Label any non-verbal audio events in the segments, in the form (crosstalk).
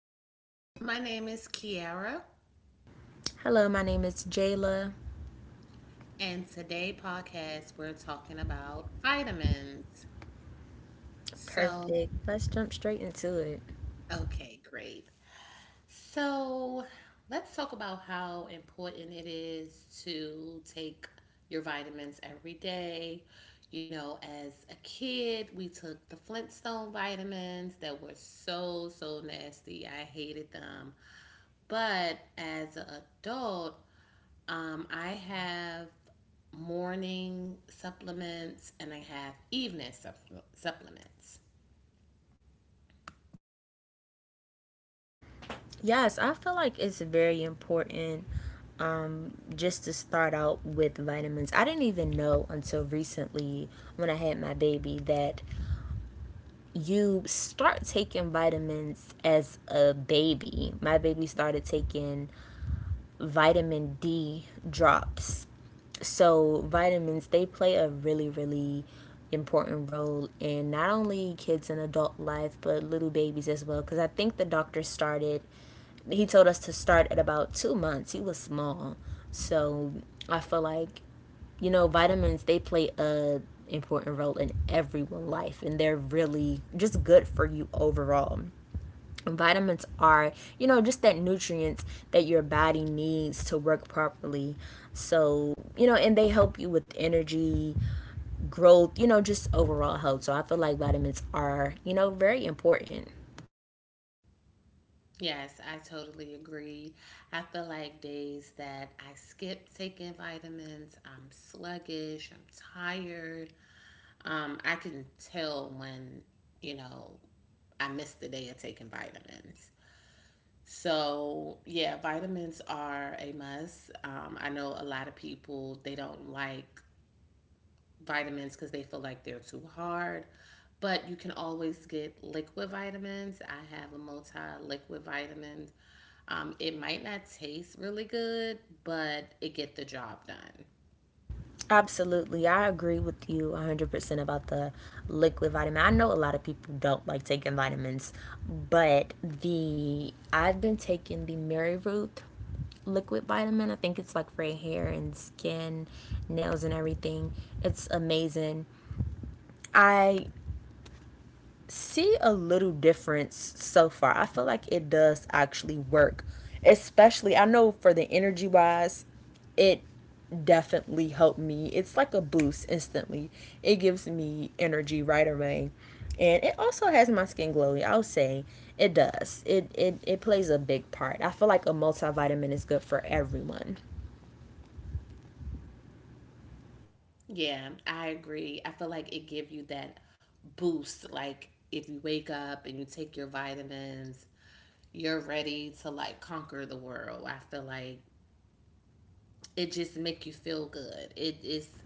Hello, my name is Kiara, Hello, my name is Jayla. and today podcast we're talking about vitamins. So, Perfect. Let's jump straight into it. okay, great. So let's talk about how important it is to take your vitamins every day. You know, as a kid, we took the Flintstone vitamins that were so, so nasty. I hated them. But as an adult, I have morning supplements and I have supplements. Yes, I feel like it's very important just to start out with vitamins. I didn't even know until recently when I had my baby that you start taking vitamins as a baby. My baby started taking vitamin D drops. So, vitamins, they play a really, really important role in not only kids and adult life, but little babies as well. Because I think the doctor started, he told us to start at about 2 months. He was small. So, I feel like, you know, vitamins, they play a important role in everyone's life and they're really just good for you overall. Vitamins are, you know, just that nutrients that your body needs to work properly. So, you know, and they help you with energy, growth, you know, just overall health. So I feel like vitamins are, you know, very important. Yes, I totally agree. I feel like days that I skip taking vitamins, I'm sluggish, I'm tired. I can tell when, you know, I missed the day of taking vitamins. So, yeah, vitamins are a must. I know a lot of people, they don't like vitamins because they feel like they're too hard. But you can always get liquid vitamins. I have a multi liquid vitamin. It might not taste really good, but it get the job done. Absolutely. I agree with you 100% about the liquid vitamin. I know a lot of people don't like taking vitamins, but the I've been taking the Mary Root liquid vitamin. I think it's like for hair and skin, nails and everything. It's amazing. I see a little difference so far. I feel like it does actually work. Especially, I know for the energy wise, it definitely helped me. It's like a boost instantly. It gives me energy right away. And it also has my skin glowy. I'll say it does. It plays a big part. I feel like a multivitamin is good for everyone. Yeah, I agree. I feel like it give you that boost. Like if you wake up and you take your vitamins, you're ready to like conquer the world. I feel like it just make you feel good. It is.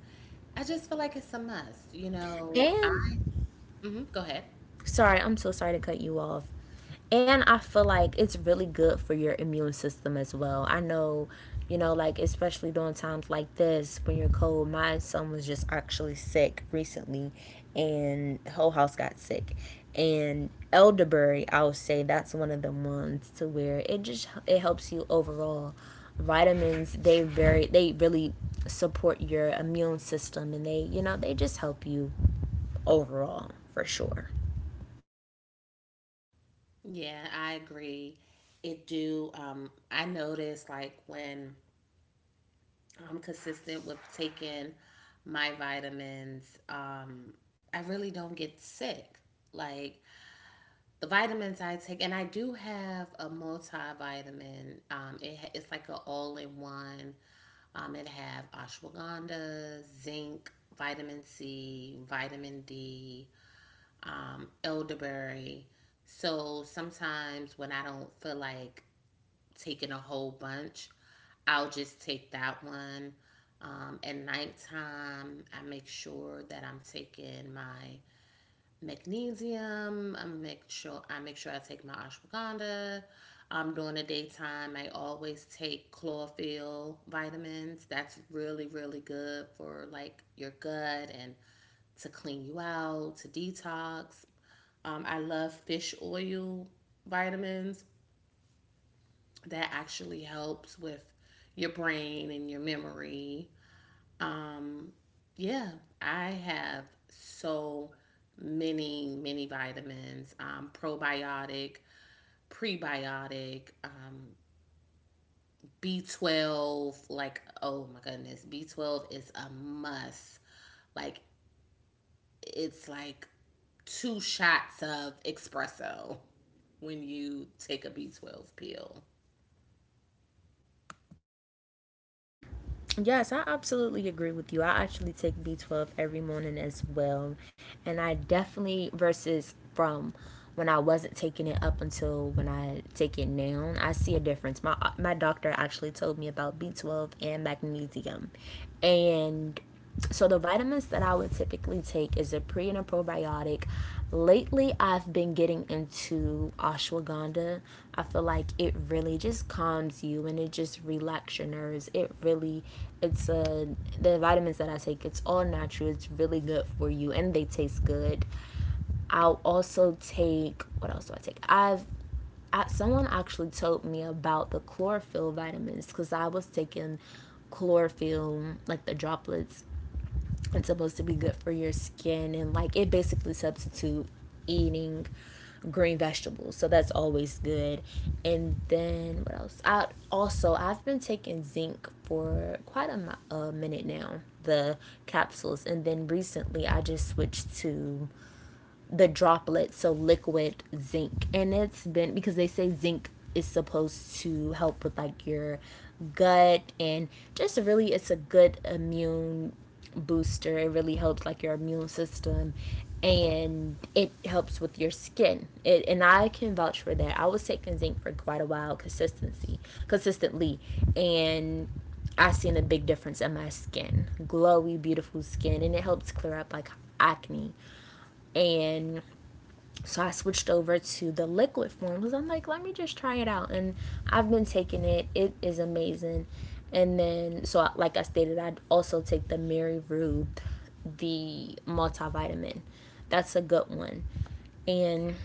I just feel like it's a must. You know. I. And, Mhm, go ahead. sorry, I'm so sorry to cut you off. And I feel like it's really good for your immune system as well. I know, you know, like especially during times like this when you're cold. My son was just actually sick recently, and the whole house got sick. And elderberry, I would say that's one of the ones to where it helps you overall. Vitamins, they really support your immune system, and they, you know, they just help you overall for sure. Yeah, I agree. It do. I notice like when I'm consistent with taking my vitamins, I really don't get sick. Like the vitamins I take, and I do have a multivitamin. Um, it's like a all in one. It have ashwagandha, zinc, vitamin C, vitamin D, elderberry. So sometimes when I don't feel like taking a whole bunch, I'll just take that one. At nighttime, I make sure that I'm taking my magnesium. I make sure I take my ashwagandha. During the daytime, I always take chlorophyll vitamins. That's really really good for like your gut and to clean you out to detox. I love fish oil vitamins that actually helps with your brain and your memory. Um, yeah, I have so many, many vitamins probiotic, prebiotic, B12. Like, oh my goodness, B12 is a must. Like, it's like two shots of espresso when you take a B12 pill. Yes, I absolutely agree with you. I actually take B12 every morning as well. And I definitely, versus from when I wasn't taking it up until when I take it now, I see a difference. My doctor actually told me about B12 and magnesium. And so the vitamins that I would typically take is a pre and a probiotic. Lately, I've been getting into ashwagandha. I feel like it really just calms you and it just relaxes your nerves. It really, it's a the vitamins that I take. It's all natural. It's really good for you, and they taste good. I'll also take, what else do I take? Someone actually told me about the chlorophyll vitamins because I was taking chlorophyll like the droplets. It's supposed to be good for your skin and like it basically substitute eating green vegetables. So that's always good. And then what else? I've been taking zinc for quite a minute now, the capsules. And then recently I just switched to the droplets, so liquid zinc. And it's been, because they say zinc is supposed to help with like your gut and just really it's a good immune booster. It really helps like your immune system and it helps with your skin. It, and I can vouch for that. I was taking zinc for quite a while consistency consistently and I seen a big difference in my skin. Glowy, beautiful skin, and it helps clear up like acne. And so I switched over to the liquid form because I'm like, let me just try it out. And I've been taking it, it is amazing. And then, so like I stated, I'd also take the Mary Ruth, the multivitamin. That's a good one. And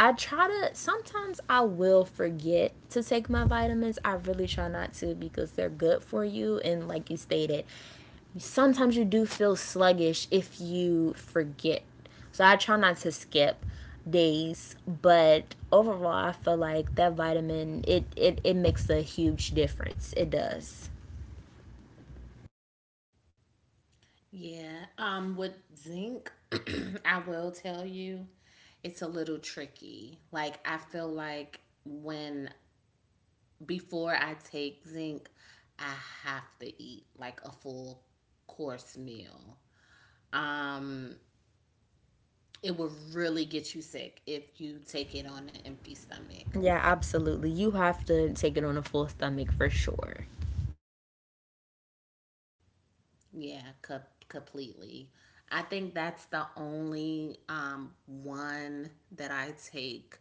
I try to, sometimes I will forget to take my vitamins. I really try not to because they're good for you. And like you stated, sometimes you do feel sluggish if you forget. So I try not to skip days, but overall I feel like that vitamin it makes a huge difference. It does. Yeah. With zinc, (clears throat) I will tell you, it's a little tricky. Like I feel like when before I take zinc, I have to eat like a full course meal. Um it will really get you sick if you take it on an empty stomach. Yeah, absolutely. You have to take it on a full stomach for sure. Yeah, completely. I think that's the only one that I take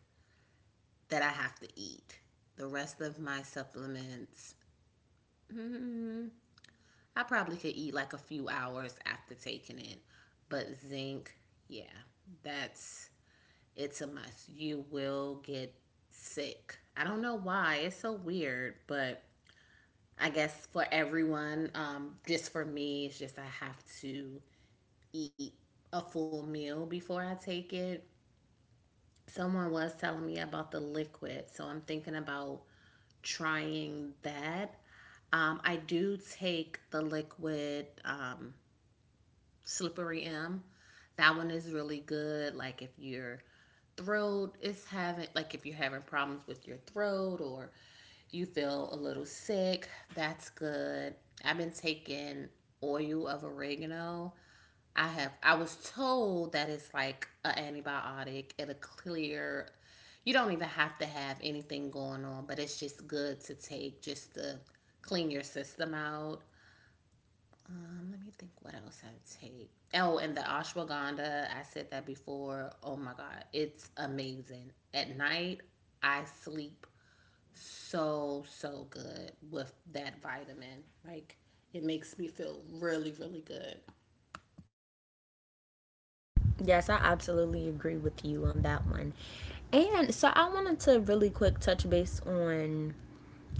that I have to eat. The rest of my supplements, mm, I probably could eat like a few hours after taking it. But zinc, yeah, that's it's a must. You will get sick. I don't know why. It's so weird, but I guess for everyone, just for me, it's just I have to eat a full meal before I take it. Someone was telling me about the liquid, so I'm thinking about trying that. I do take the liquid Slippery M. That one is really good. Like if you're having problems with your throat or you feel a little sick, that's good. I've been taking oil of oregano. I was told that it's like an antibiotic. It'll clear You don't even have to have anything going on, but it's just good to take just to clean your system out. Let me think what else I take. Oh, and the ashwagandha, I said that before. Oh my god, it's amazing. At night, I sleep so so good with that vitamin. Like it makes me feel really really good. Yes, I absolutely agree with you on that one. And so I wanted to really quick touch base on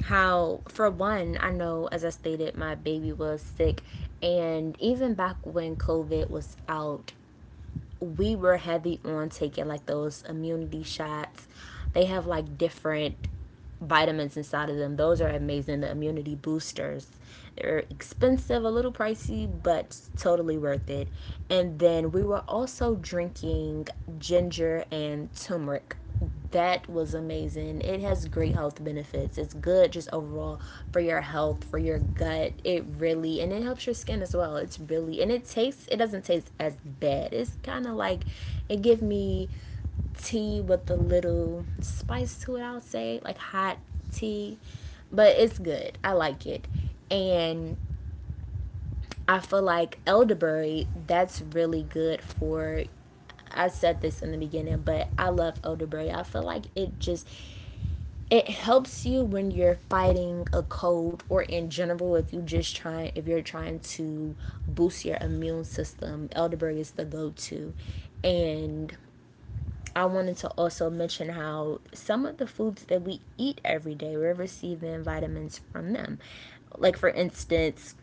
how, for one, I know, as I stated, my baby was sick. And even back when COVID was out, we were heavy on taking like those immunity shots. They have like different vitamins inside of them. Those are amazing. The immunity boosters. They're expensive, a little pricey, but totally worth it. And then we were also drinking ginger and turmeric. That was amazing. It has great health benefits. It's good just overall for your health, for your gut. It really and it helps your skin as well. It's really, and it tastes, it doesn't taste as bad. It's kind of like it give me tea with a little spice to it, I'll say, like hot tea, but it's good. I like it. And I feel like elderberry, that's really good for. I said this in the beginning, but I love elderberry. I feel like it just it helps you when you're fighting a cold or in general if you just trying if you're trying to boost your immune system. Elderberry is the go-to. And I wanted to also mention how some of the foods that we eat every day, we're receiving vitamins from them. Like for instance,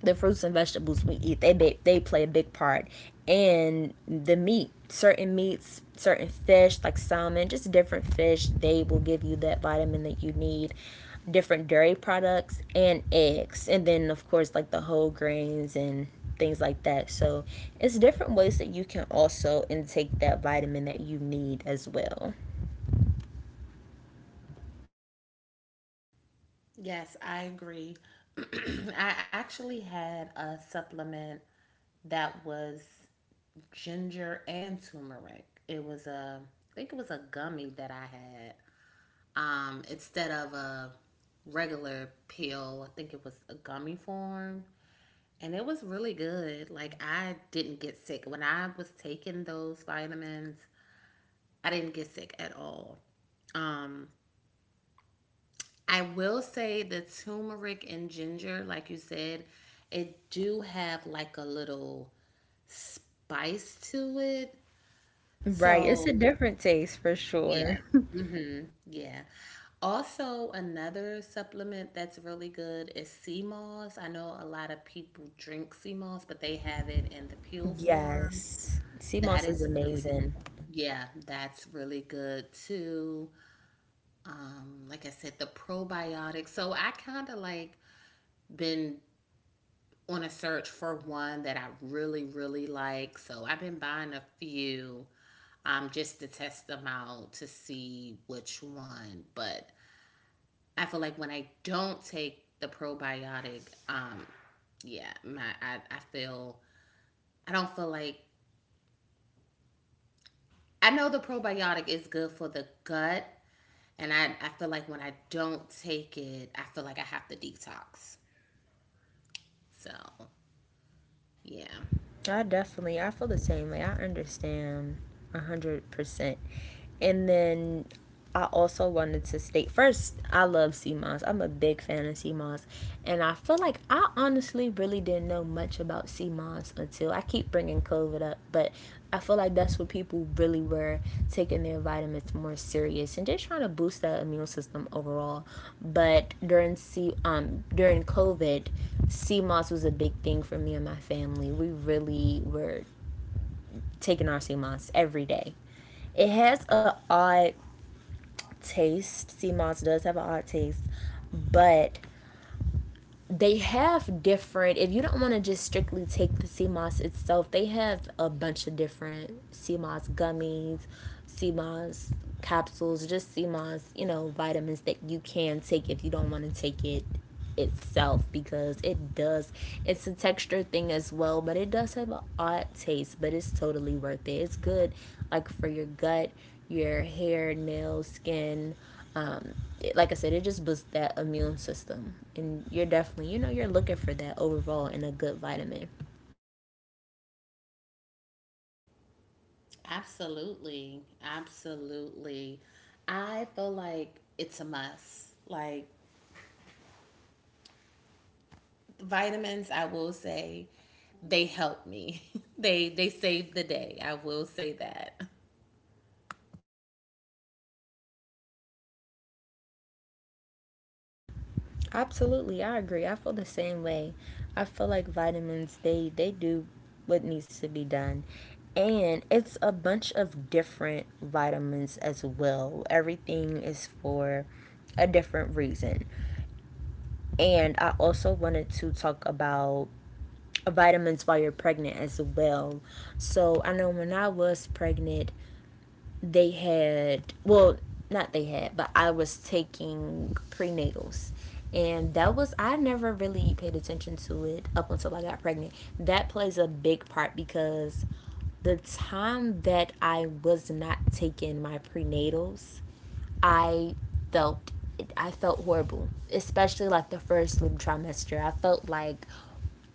the fruits and vegetables we eat, they play a big part. And the meat, certain meats, certain fish like salmon, just different fish, they will give you that vitamin that you need. Different dairy products and eggs, and then of course like the whole grains and things like that. So it's different ways that you can also intake that vitamin that you need as well. Yes, I agree. (clears throat) I actually had a supplement that was ginger and turmeric. I think it was a gummy that I had. Instead of a regular pill, I think it was a gummy form, and it was really good. Like I didn't get sick when I was taking those vitamins. I didn't get sick at all. Um, I will say the turmeric and ginger, like you said, it do have like a little spice to it. Right, it's So, a different taste for yeah. sure. Yeah. Also, another supplement that's really good is sea moss. I know a lot of people drink sea moss, but they have it in the peel (laughs) form. Yes, sea That moss is is really good. amazing. Yeah, that's really good too. Like I said, the probiotics. So I kind of like been on a search for one that I really, really like. So I've been buying a few just to test them out to see which one. But I feel like when I don't take the probiotic, yeah, my I feel I don't feel like I know the probiotic is good for the gut, and I feel like when I don't take it, I feel like I have to detox. So yeah. I definitely, I feel the same way. I understand a 100%. And then I also wanted to state first, I love sea moss. I'm a big fan of sea moss. And I feel like I honestly really didn't know much about sea moss until, I keep bringing COVID up, but I feel like that's when people really were taking their vitamins more serious and just trying to boost that immune system overall. But during COVID, CMOS was a big thing for me and my family. We really were taking our CMOS every day. It has an odd taste. CMOS does have an odd taste, but they have different, if you don't want to just strictly take the CMOS itself, they have a bunch of different CMOS gummies, CMOS capsules, just CMOS, you know, vitamins that you can take if you don't want to take it itself because it does, it's a texture thing as well, but it does have an odd taste, but it's totally worth it. It's good like for your gut, your hair, nails, skin. Um, like I said, it just boosts that immune system. And you're definitely, you know, you're looking for that overall and a good vitamin. Absolutely. Absolutely. I feel like it's a must. Like vitamins, I will say they help me. (laughs) They save the day. I will say that. Absolutely, I agree. I feel the same way. I feel like vitamins, they do what needs to be done. And it's a bunch of different vitamins as well. Everything is for a different reason. And I also wanted to talk about vitamins while you're pregnant as well. So I know when I was pregnant, they had, well, not they had, but I was taking prenatals. And that was, I never really paid attention to it up until I got pregnant. That plays a big part because the time that I was not taking my prenatals, I felt I felt horrible, especially like the first sleep trimester. I felt like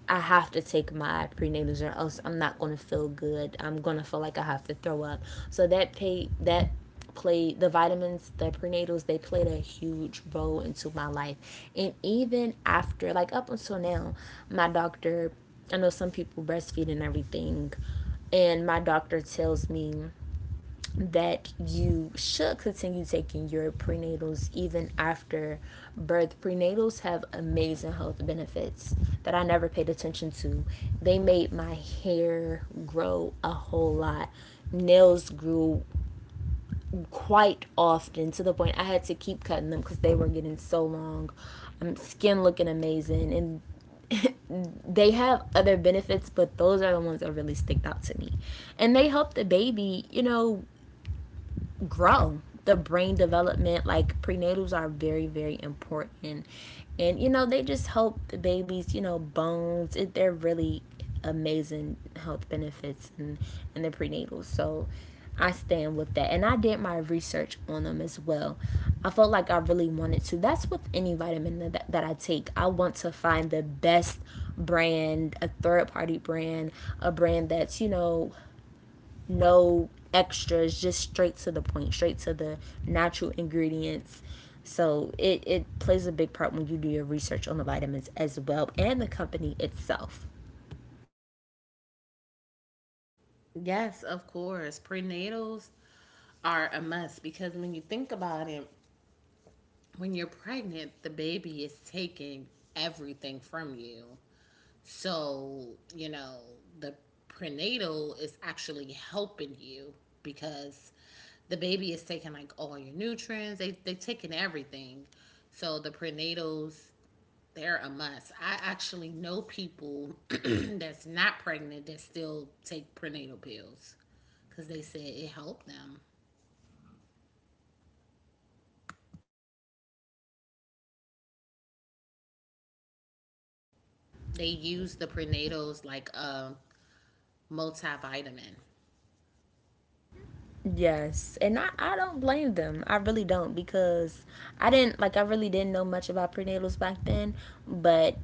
I have to take my prenatals or else I'm not gonna feel good. I'm gonna feel like I have to throw up. So that paid that played, the vitamins, the prenatals, they played a huge role into my life. And even after, like up until now, my doctor I know some people breastfeed and everything, and my doctor tells me that you should continue taking your prenatals even after birth. Prenatals have amazing health benefits that I never paid attention to. They made my hair grow a whole lot. Nails grew quite often to the point I had to keep cutting them because they were getting so long. Skin looking amazing, and they have other benefits, but those are the ones that really sticked out to me. And they help the baby, you know, grow the brain development. Like, prenatals are very important, and you know they just help the babies, you know, bones. They're really amazing health benefits. And the prenatals. So I stand with that, and I did my research on them as well. I felt like I really wanted to. That's with any vitamin that I take. I want to find the best brand, a third party brand, a brand that's, you know, no extras, just straight to the point, straight to the natural ingredients. So it plays a big part when you do your research on the vitamins as well and the company itself. Yes, of course. Prenatals are a must because when you think about it, when you're pregnant, the baby is taking everything from you. So, you know, the prenatal is actually helping you because the baby is taking like all your nutrients. They're taking everything. So the prenatals they're a must. I actually know people (clears throat) that's not pregnant that still take prenatal pills because they said it helped them. They use the prenatals like a multivitamin. Yes, and I don't blame them. I really don't. Because I didn't like I really didn't know much about prenatals back then, but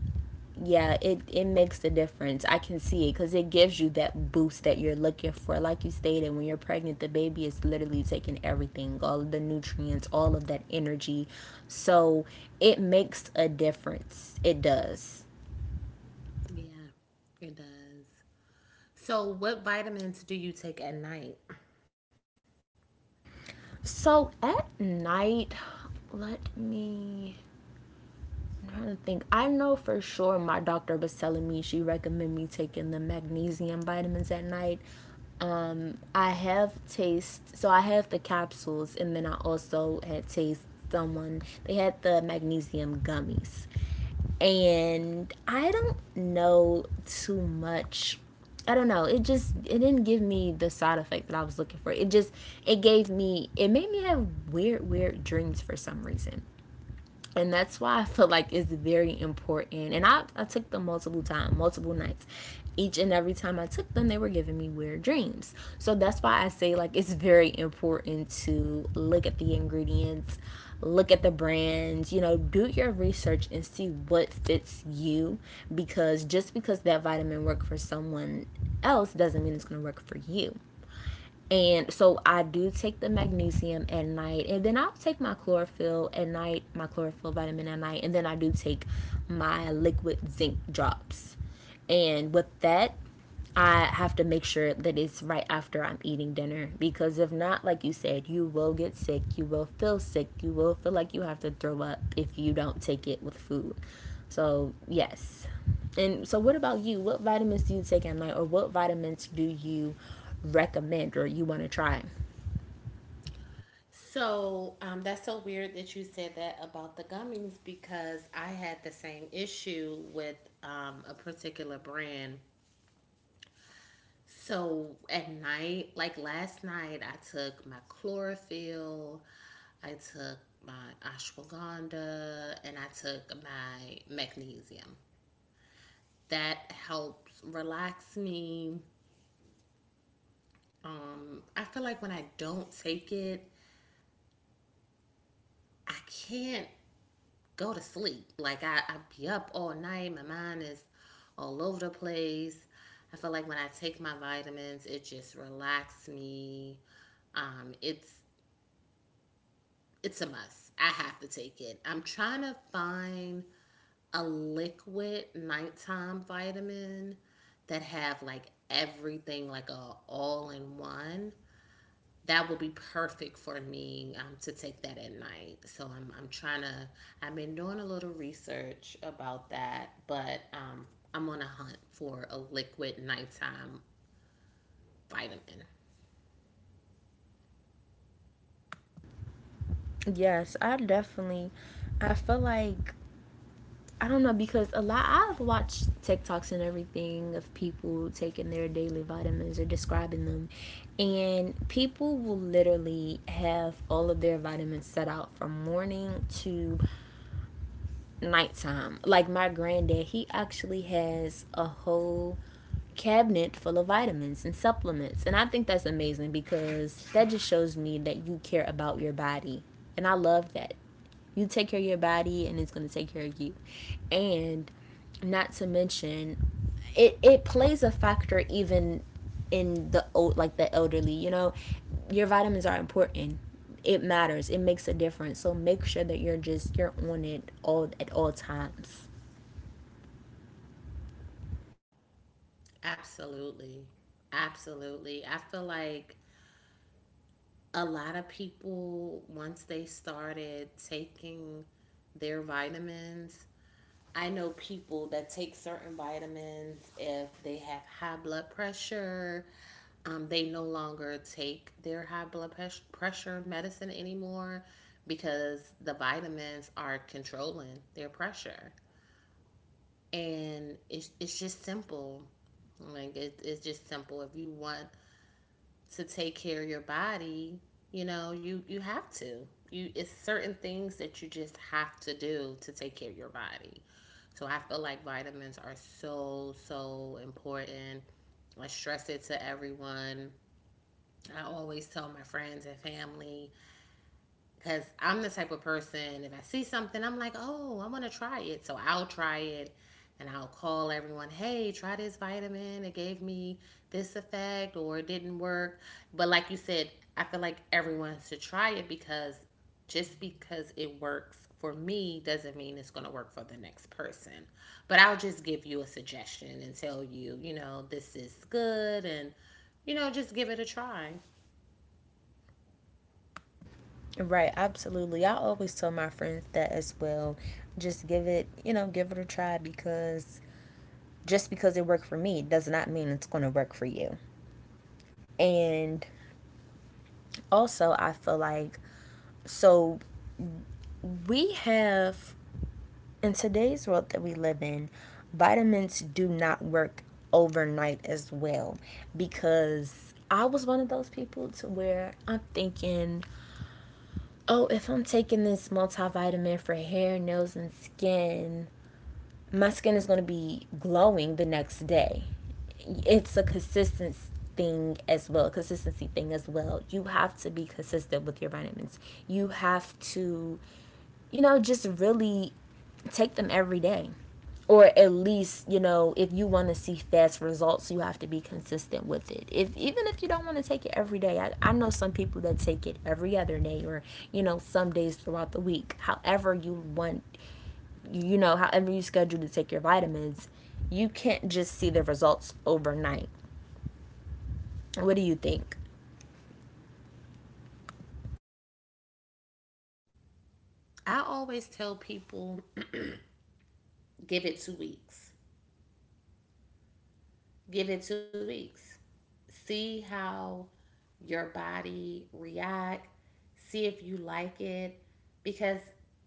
yeah, it makes a difference. I can see it cuz it gives you that boost that you're looking for. Like you stated, when you're pregnant, the baby is literally taking everything, all of the nutrients, all of that energy. So, it makes a difference. It does. Yeah, it does. So, what vitamins do you take at night? So, at night, let me I'm trying to think. I know for sure my doctor was telling me she recommended me taking the magnesium vitamins at night. I have taste, so I have the capsules, and then I also had taste someone. They had the magnesium gummies, and I don't know too much. I don't know. It just it didn't give me the side effect that I was looking for. It just it gave me it made me have weird dreams for some reason, and that's why I feel like it's very important. And I took them multiple times, multiple nights. Each and every time I took them, they were giving me weird dreams. So that's why I say like it's very important to look at the ingredients, look at the brands, you know, do your research and see what fits you, because just because that vitamin worked for someone else doesn't mean it's going to work for you. And so I do take the magnesium at night, and then I'll take my chlorophyll at night, my chlorophyll vitamin at night, and then I do take my liquid zinc drops. And with that, I have to make sure that it's right after I'm eating dinner, because if not, like you said, you will get sick, you will feel sick, you will feel like you have to throw up if you don't take it with food. So, yes. And so, what about you? What vitamins do you take at night, or what vitamins do you recommend or you want to try? That's so weird that you said that about the gummies because I had the same issue with a particular brand. So at night, like last night, I took my chlorophyll, I took my ashwagandha, and I took my magnesium. That helps relax me. I feel like when I don't take it, I can't go to sleep. Like I be up all night. My mind is all over the place. I feel like when I take my vitamins, it just relaxes me. Um, it's it's a must. I have to take it. I'm trying to find a liquid nighttime vitamin that have like everything like a all in one. That will be perfect for me to take that at night. I've been doing a little research about that, but I'm on a hunt for a liquid nighttime vitamin. Yes, I definitely. I feel like I don't know, because a lot I've watched TikToks and everything of people taking their daily vitamins or describing them, and people will literally have all of their vitamins set out from morning to nighttime. Like my granddad, he actually has a whole cabinet full of vitamins and supplements, and I think that's amazing, because that just shows me that you care about your body, and I love that. You take care of your body, and it's gonna take care of you, and not to mention, it plays a factor even in the old like the elderly. You know, your vitamins are important. It matters. It makes a difference. So make sure that you're just you're on it all at all times. Absolutely. Absolutely. I feel like a lot of people, once they started taking their vitamins, I know people that take certain vitamins if they have high blood pressure. They no longer take their pressure medicine anymore because the vitamins are controlling their pressure. And it's just simple. Like, it's just simple. If you want to take care of your body, you know, you have to. You it's certain things that you just have to do to take care of your body. So I feel like vitamins are so so important. I stress it to everyone. I always tell my friends and family. Cause I'm the type of person if I see something, I'm like, oh, I want to try it, so I'll try it, and I'll call everyone, hey, try this vitamin. It gave me this effect, or it didn't work. But like you said, I feel like everyone should try it because just because it works for me doesn't mean it's going to work for the next person. But I'll just give you a suggestion and tell you, you know, this is good and, you know, just give it a try. Right, absolutely. I always tell my friends that as well. Just give it, you know, give it a try, because just because it worked for me does not mean it's going to work for you. And also, I feel like so we have in today's world that we live in, vitamins do not work overnight as well, because I was one of those people to where I'm thinking, oh, if I'm taking this multivitamin for hair, nails, and skin, my skin is going to be glowing the next day. It's a consistency thing as well, consistency thing as well. You have to be consistent with your vitamins. You have to, you know, just really take them every day. Or at least, you know, if you want to see fast results, you have to be consistent with it. If even if you don't want to take it every day, I know some people that take it every other day, or, you know, some days throughout the week. However you want you know, however you schedule to take your vitamins, you can't just see the results overnight. What do you think? I always tell people give it 2 weeks. Give it 2 weeks. See how your body react. See if you like it. Because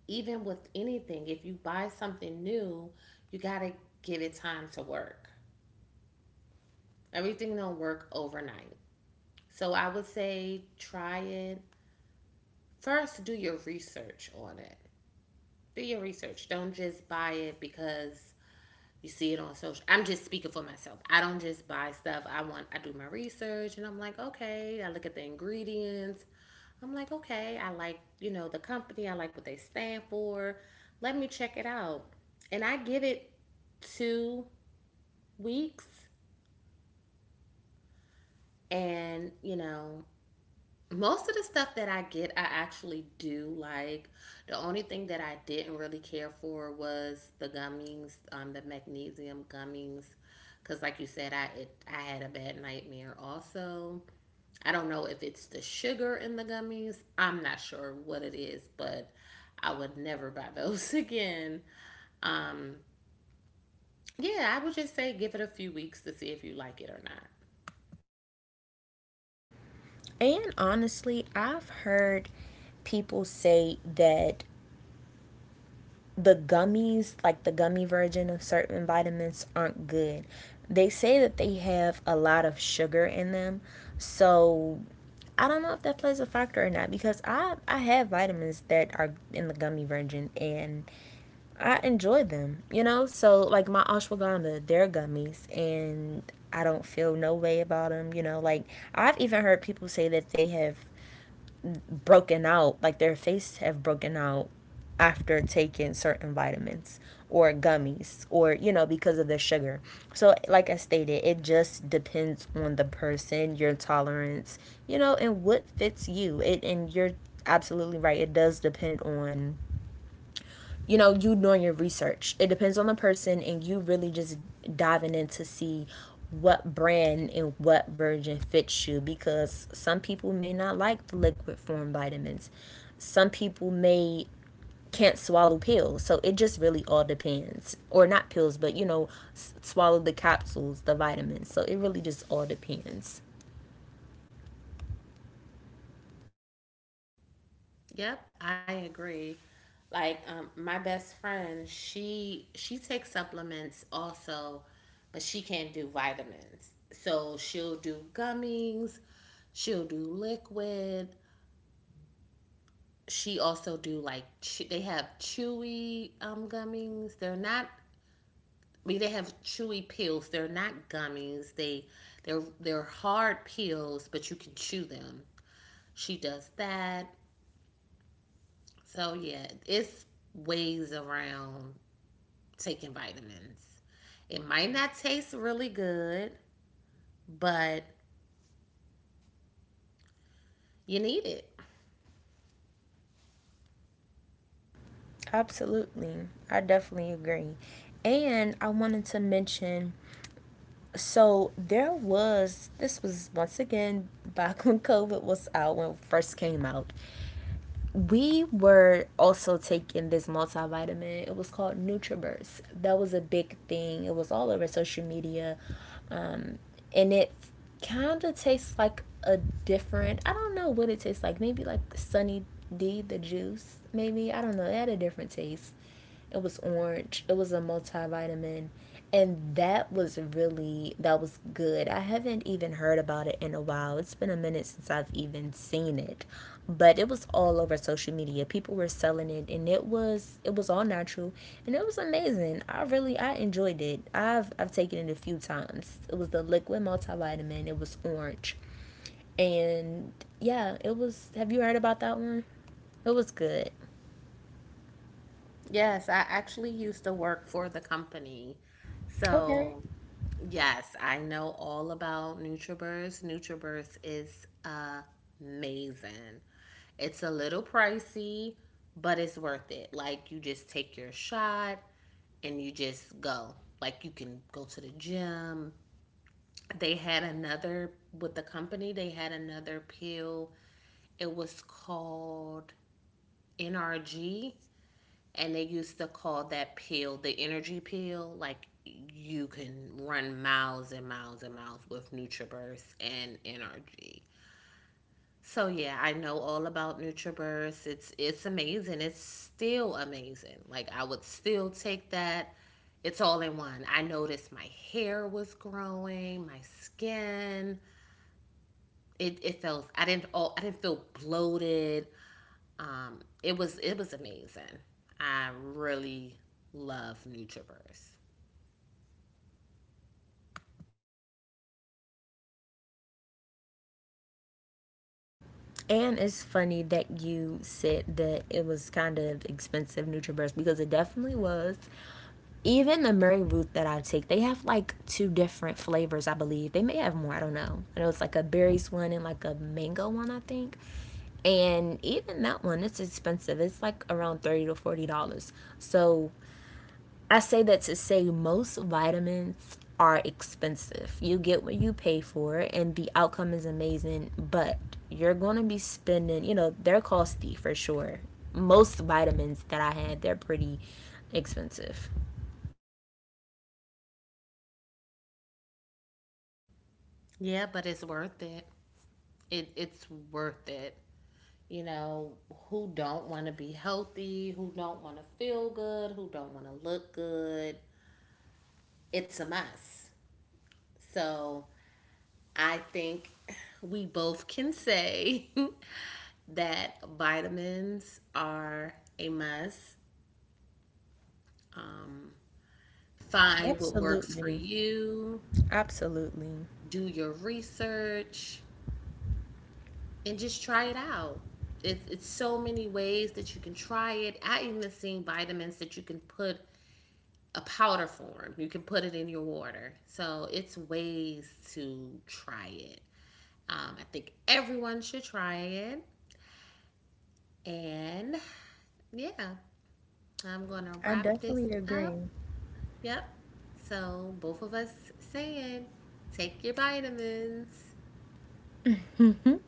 even with anything, if you buy something new, you gotta give it time to work. Everything don't work overnight. So I would say try it. First, do your research on it. Do your research. Don't just buy it because you see it on social. I'm just speaking for myself. I don't just buy stuff. I do my research and I'm like, okay, I look at the ingredients. I'm like, okay, I like, you know, the company, I like what they stand for. Let me check it out. And I give it 2 weeks and, you know, most of the stuff that I get, I actually do like. The only thing that I didn't really care for was the gummies, the magnesium gummies, because like you said, I had a bad nightmare also. I don't know if it's the sugar in the gummies. I'm not sure what it is, but I would never buy (laughs) those again. Um, yeah, I would just say give it a few weeks to see if you like it or not. And honestly, I've heard people say that the gummies, like the gummy version of certain vitamins, aren't good. They say that they have a lot of sugar in them. So I don't know if that plays a factor or not, because I have vitamins that are in the gummy version, and I enjoy them, you know? So, like, my ashwagandha, they're gummies, and I don't feel no way about them, you know? Like, I've even heard people say that they have broken out, like, their face have broken out after taking certain vitamins or gummies or, you know, because of the sugar. So, like I stated, it just depends on the person, your tolerance, you know, and what fits you. It, and you're absolutely right. It does depend on, you know, you doing your research. It depends on the person, and you really just diving in to see what brand and what version fits you, because some people may not like the liquid form vitamins. Some people may can't swallow pills. So it just really all depends. Or not pills, but you know, swallow the capsules, the vitamins. So it really just all depends. Yep, I agree. Like my best friend, she takes supplements also, but she can't do vitamins. So she'll do gummies, she'll do liquid. She also do like che- they have chewy gummies. They're not I mean they have chewy pills. They're not gummies. They're hard pills, but you can chew them. She does that. So yeah, it's ways around taking vitamins. It might not taste really good, but you need it. Absolutely. I definitely agree. And I wanted to mention so there was this was once again back (laughs) when COVID was out when it first came out. We were also taking this multivitamin. It was called NutriBurst. That was a big thing. It was all over social media, um, and it's kind of tastes like a different. I don't know what it tastes like. Maybe like Sunny D, the juice. Maybe I don't know. It had a different taste. It was orange. It was a multivitamin, and that was really that was good. I haven't even heard about it in a while. It's been a minute since I've even seen it, but it was all over social media. People were selling it, and it was all natural, and it was amazing. I really I enjoyed it. I've taken it a few times. It was the liquid multivitamin. It was orange, and yeah, it was. Have you heard about that one? It was good. Yes, I actually used to work for the company. Okay. So, yes, I know all about NutriBurst. NutriBurst is amazing. It's a little pricey, but it's worth it. Like, you just take your shot and you just go. Like, you can go to the gym. With the company, they had another pill it was called NRG, and they used to call that pill the energy pill. Like you can run miles and miles and miles with NutriBurst and NRG. So yeah, I know all about NutriBurst. It's amazing. It's still amazing. Like I would still take that. It's all in one. I noticed my hair was growing, my skin. It felt I didn't all I didn't feel bloated. It was amazing. I really love NutriBurst. And it's funny that you said that it was kind of expensive NutriBurst, because it definitely was. Even the Mary Ruth that I take, they have like two different flavors, I believe. They may have more, I don't know. I know it's like a berries one and like a mango one, I think. And even that one, it's expensive. It's like around $30 to $40. So I say that to say most vitamins are expensive. You get what you pay for, and the outcome is amazing, but you're going to be spending, you know, they're costly for sure. Most vitamins that I had, they're pretty expensive. Yeah, but it's worth it. It it's worth it. You know, who don't want to be healthy, who don't want to feel good, who don't want to look good. It's a must. So, I think we both can say (laughs) that vitamins are a must. Um, find what works for Absolutely. you. Absolutely. Do your research and just try it out. It's so many ways that you can try it. I even seen vitamins that you can put a powder form. You can put it in your water. So it's ways to try it. I think everyone should try it. And yeah, I'm gonna I wrap this definitely up. agree. Yep. So both of us saying, take your vitamins.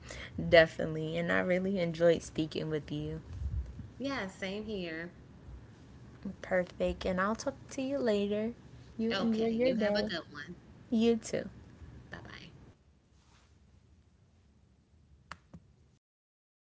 (laughs) Definitely. And I really enjoyed speaking with you. Yeah, same here. Perfect. And I'll talk to you later. You enjoy Okay, your you have a day. good one. You too. Bye bye.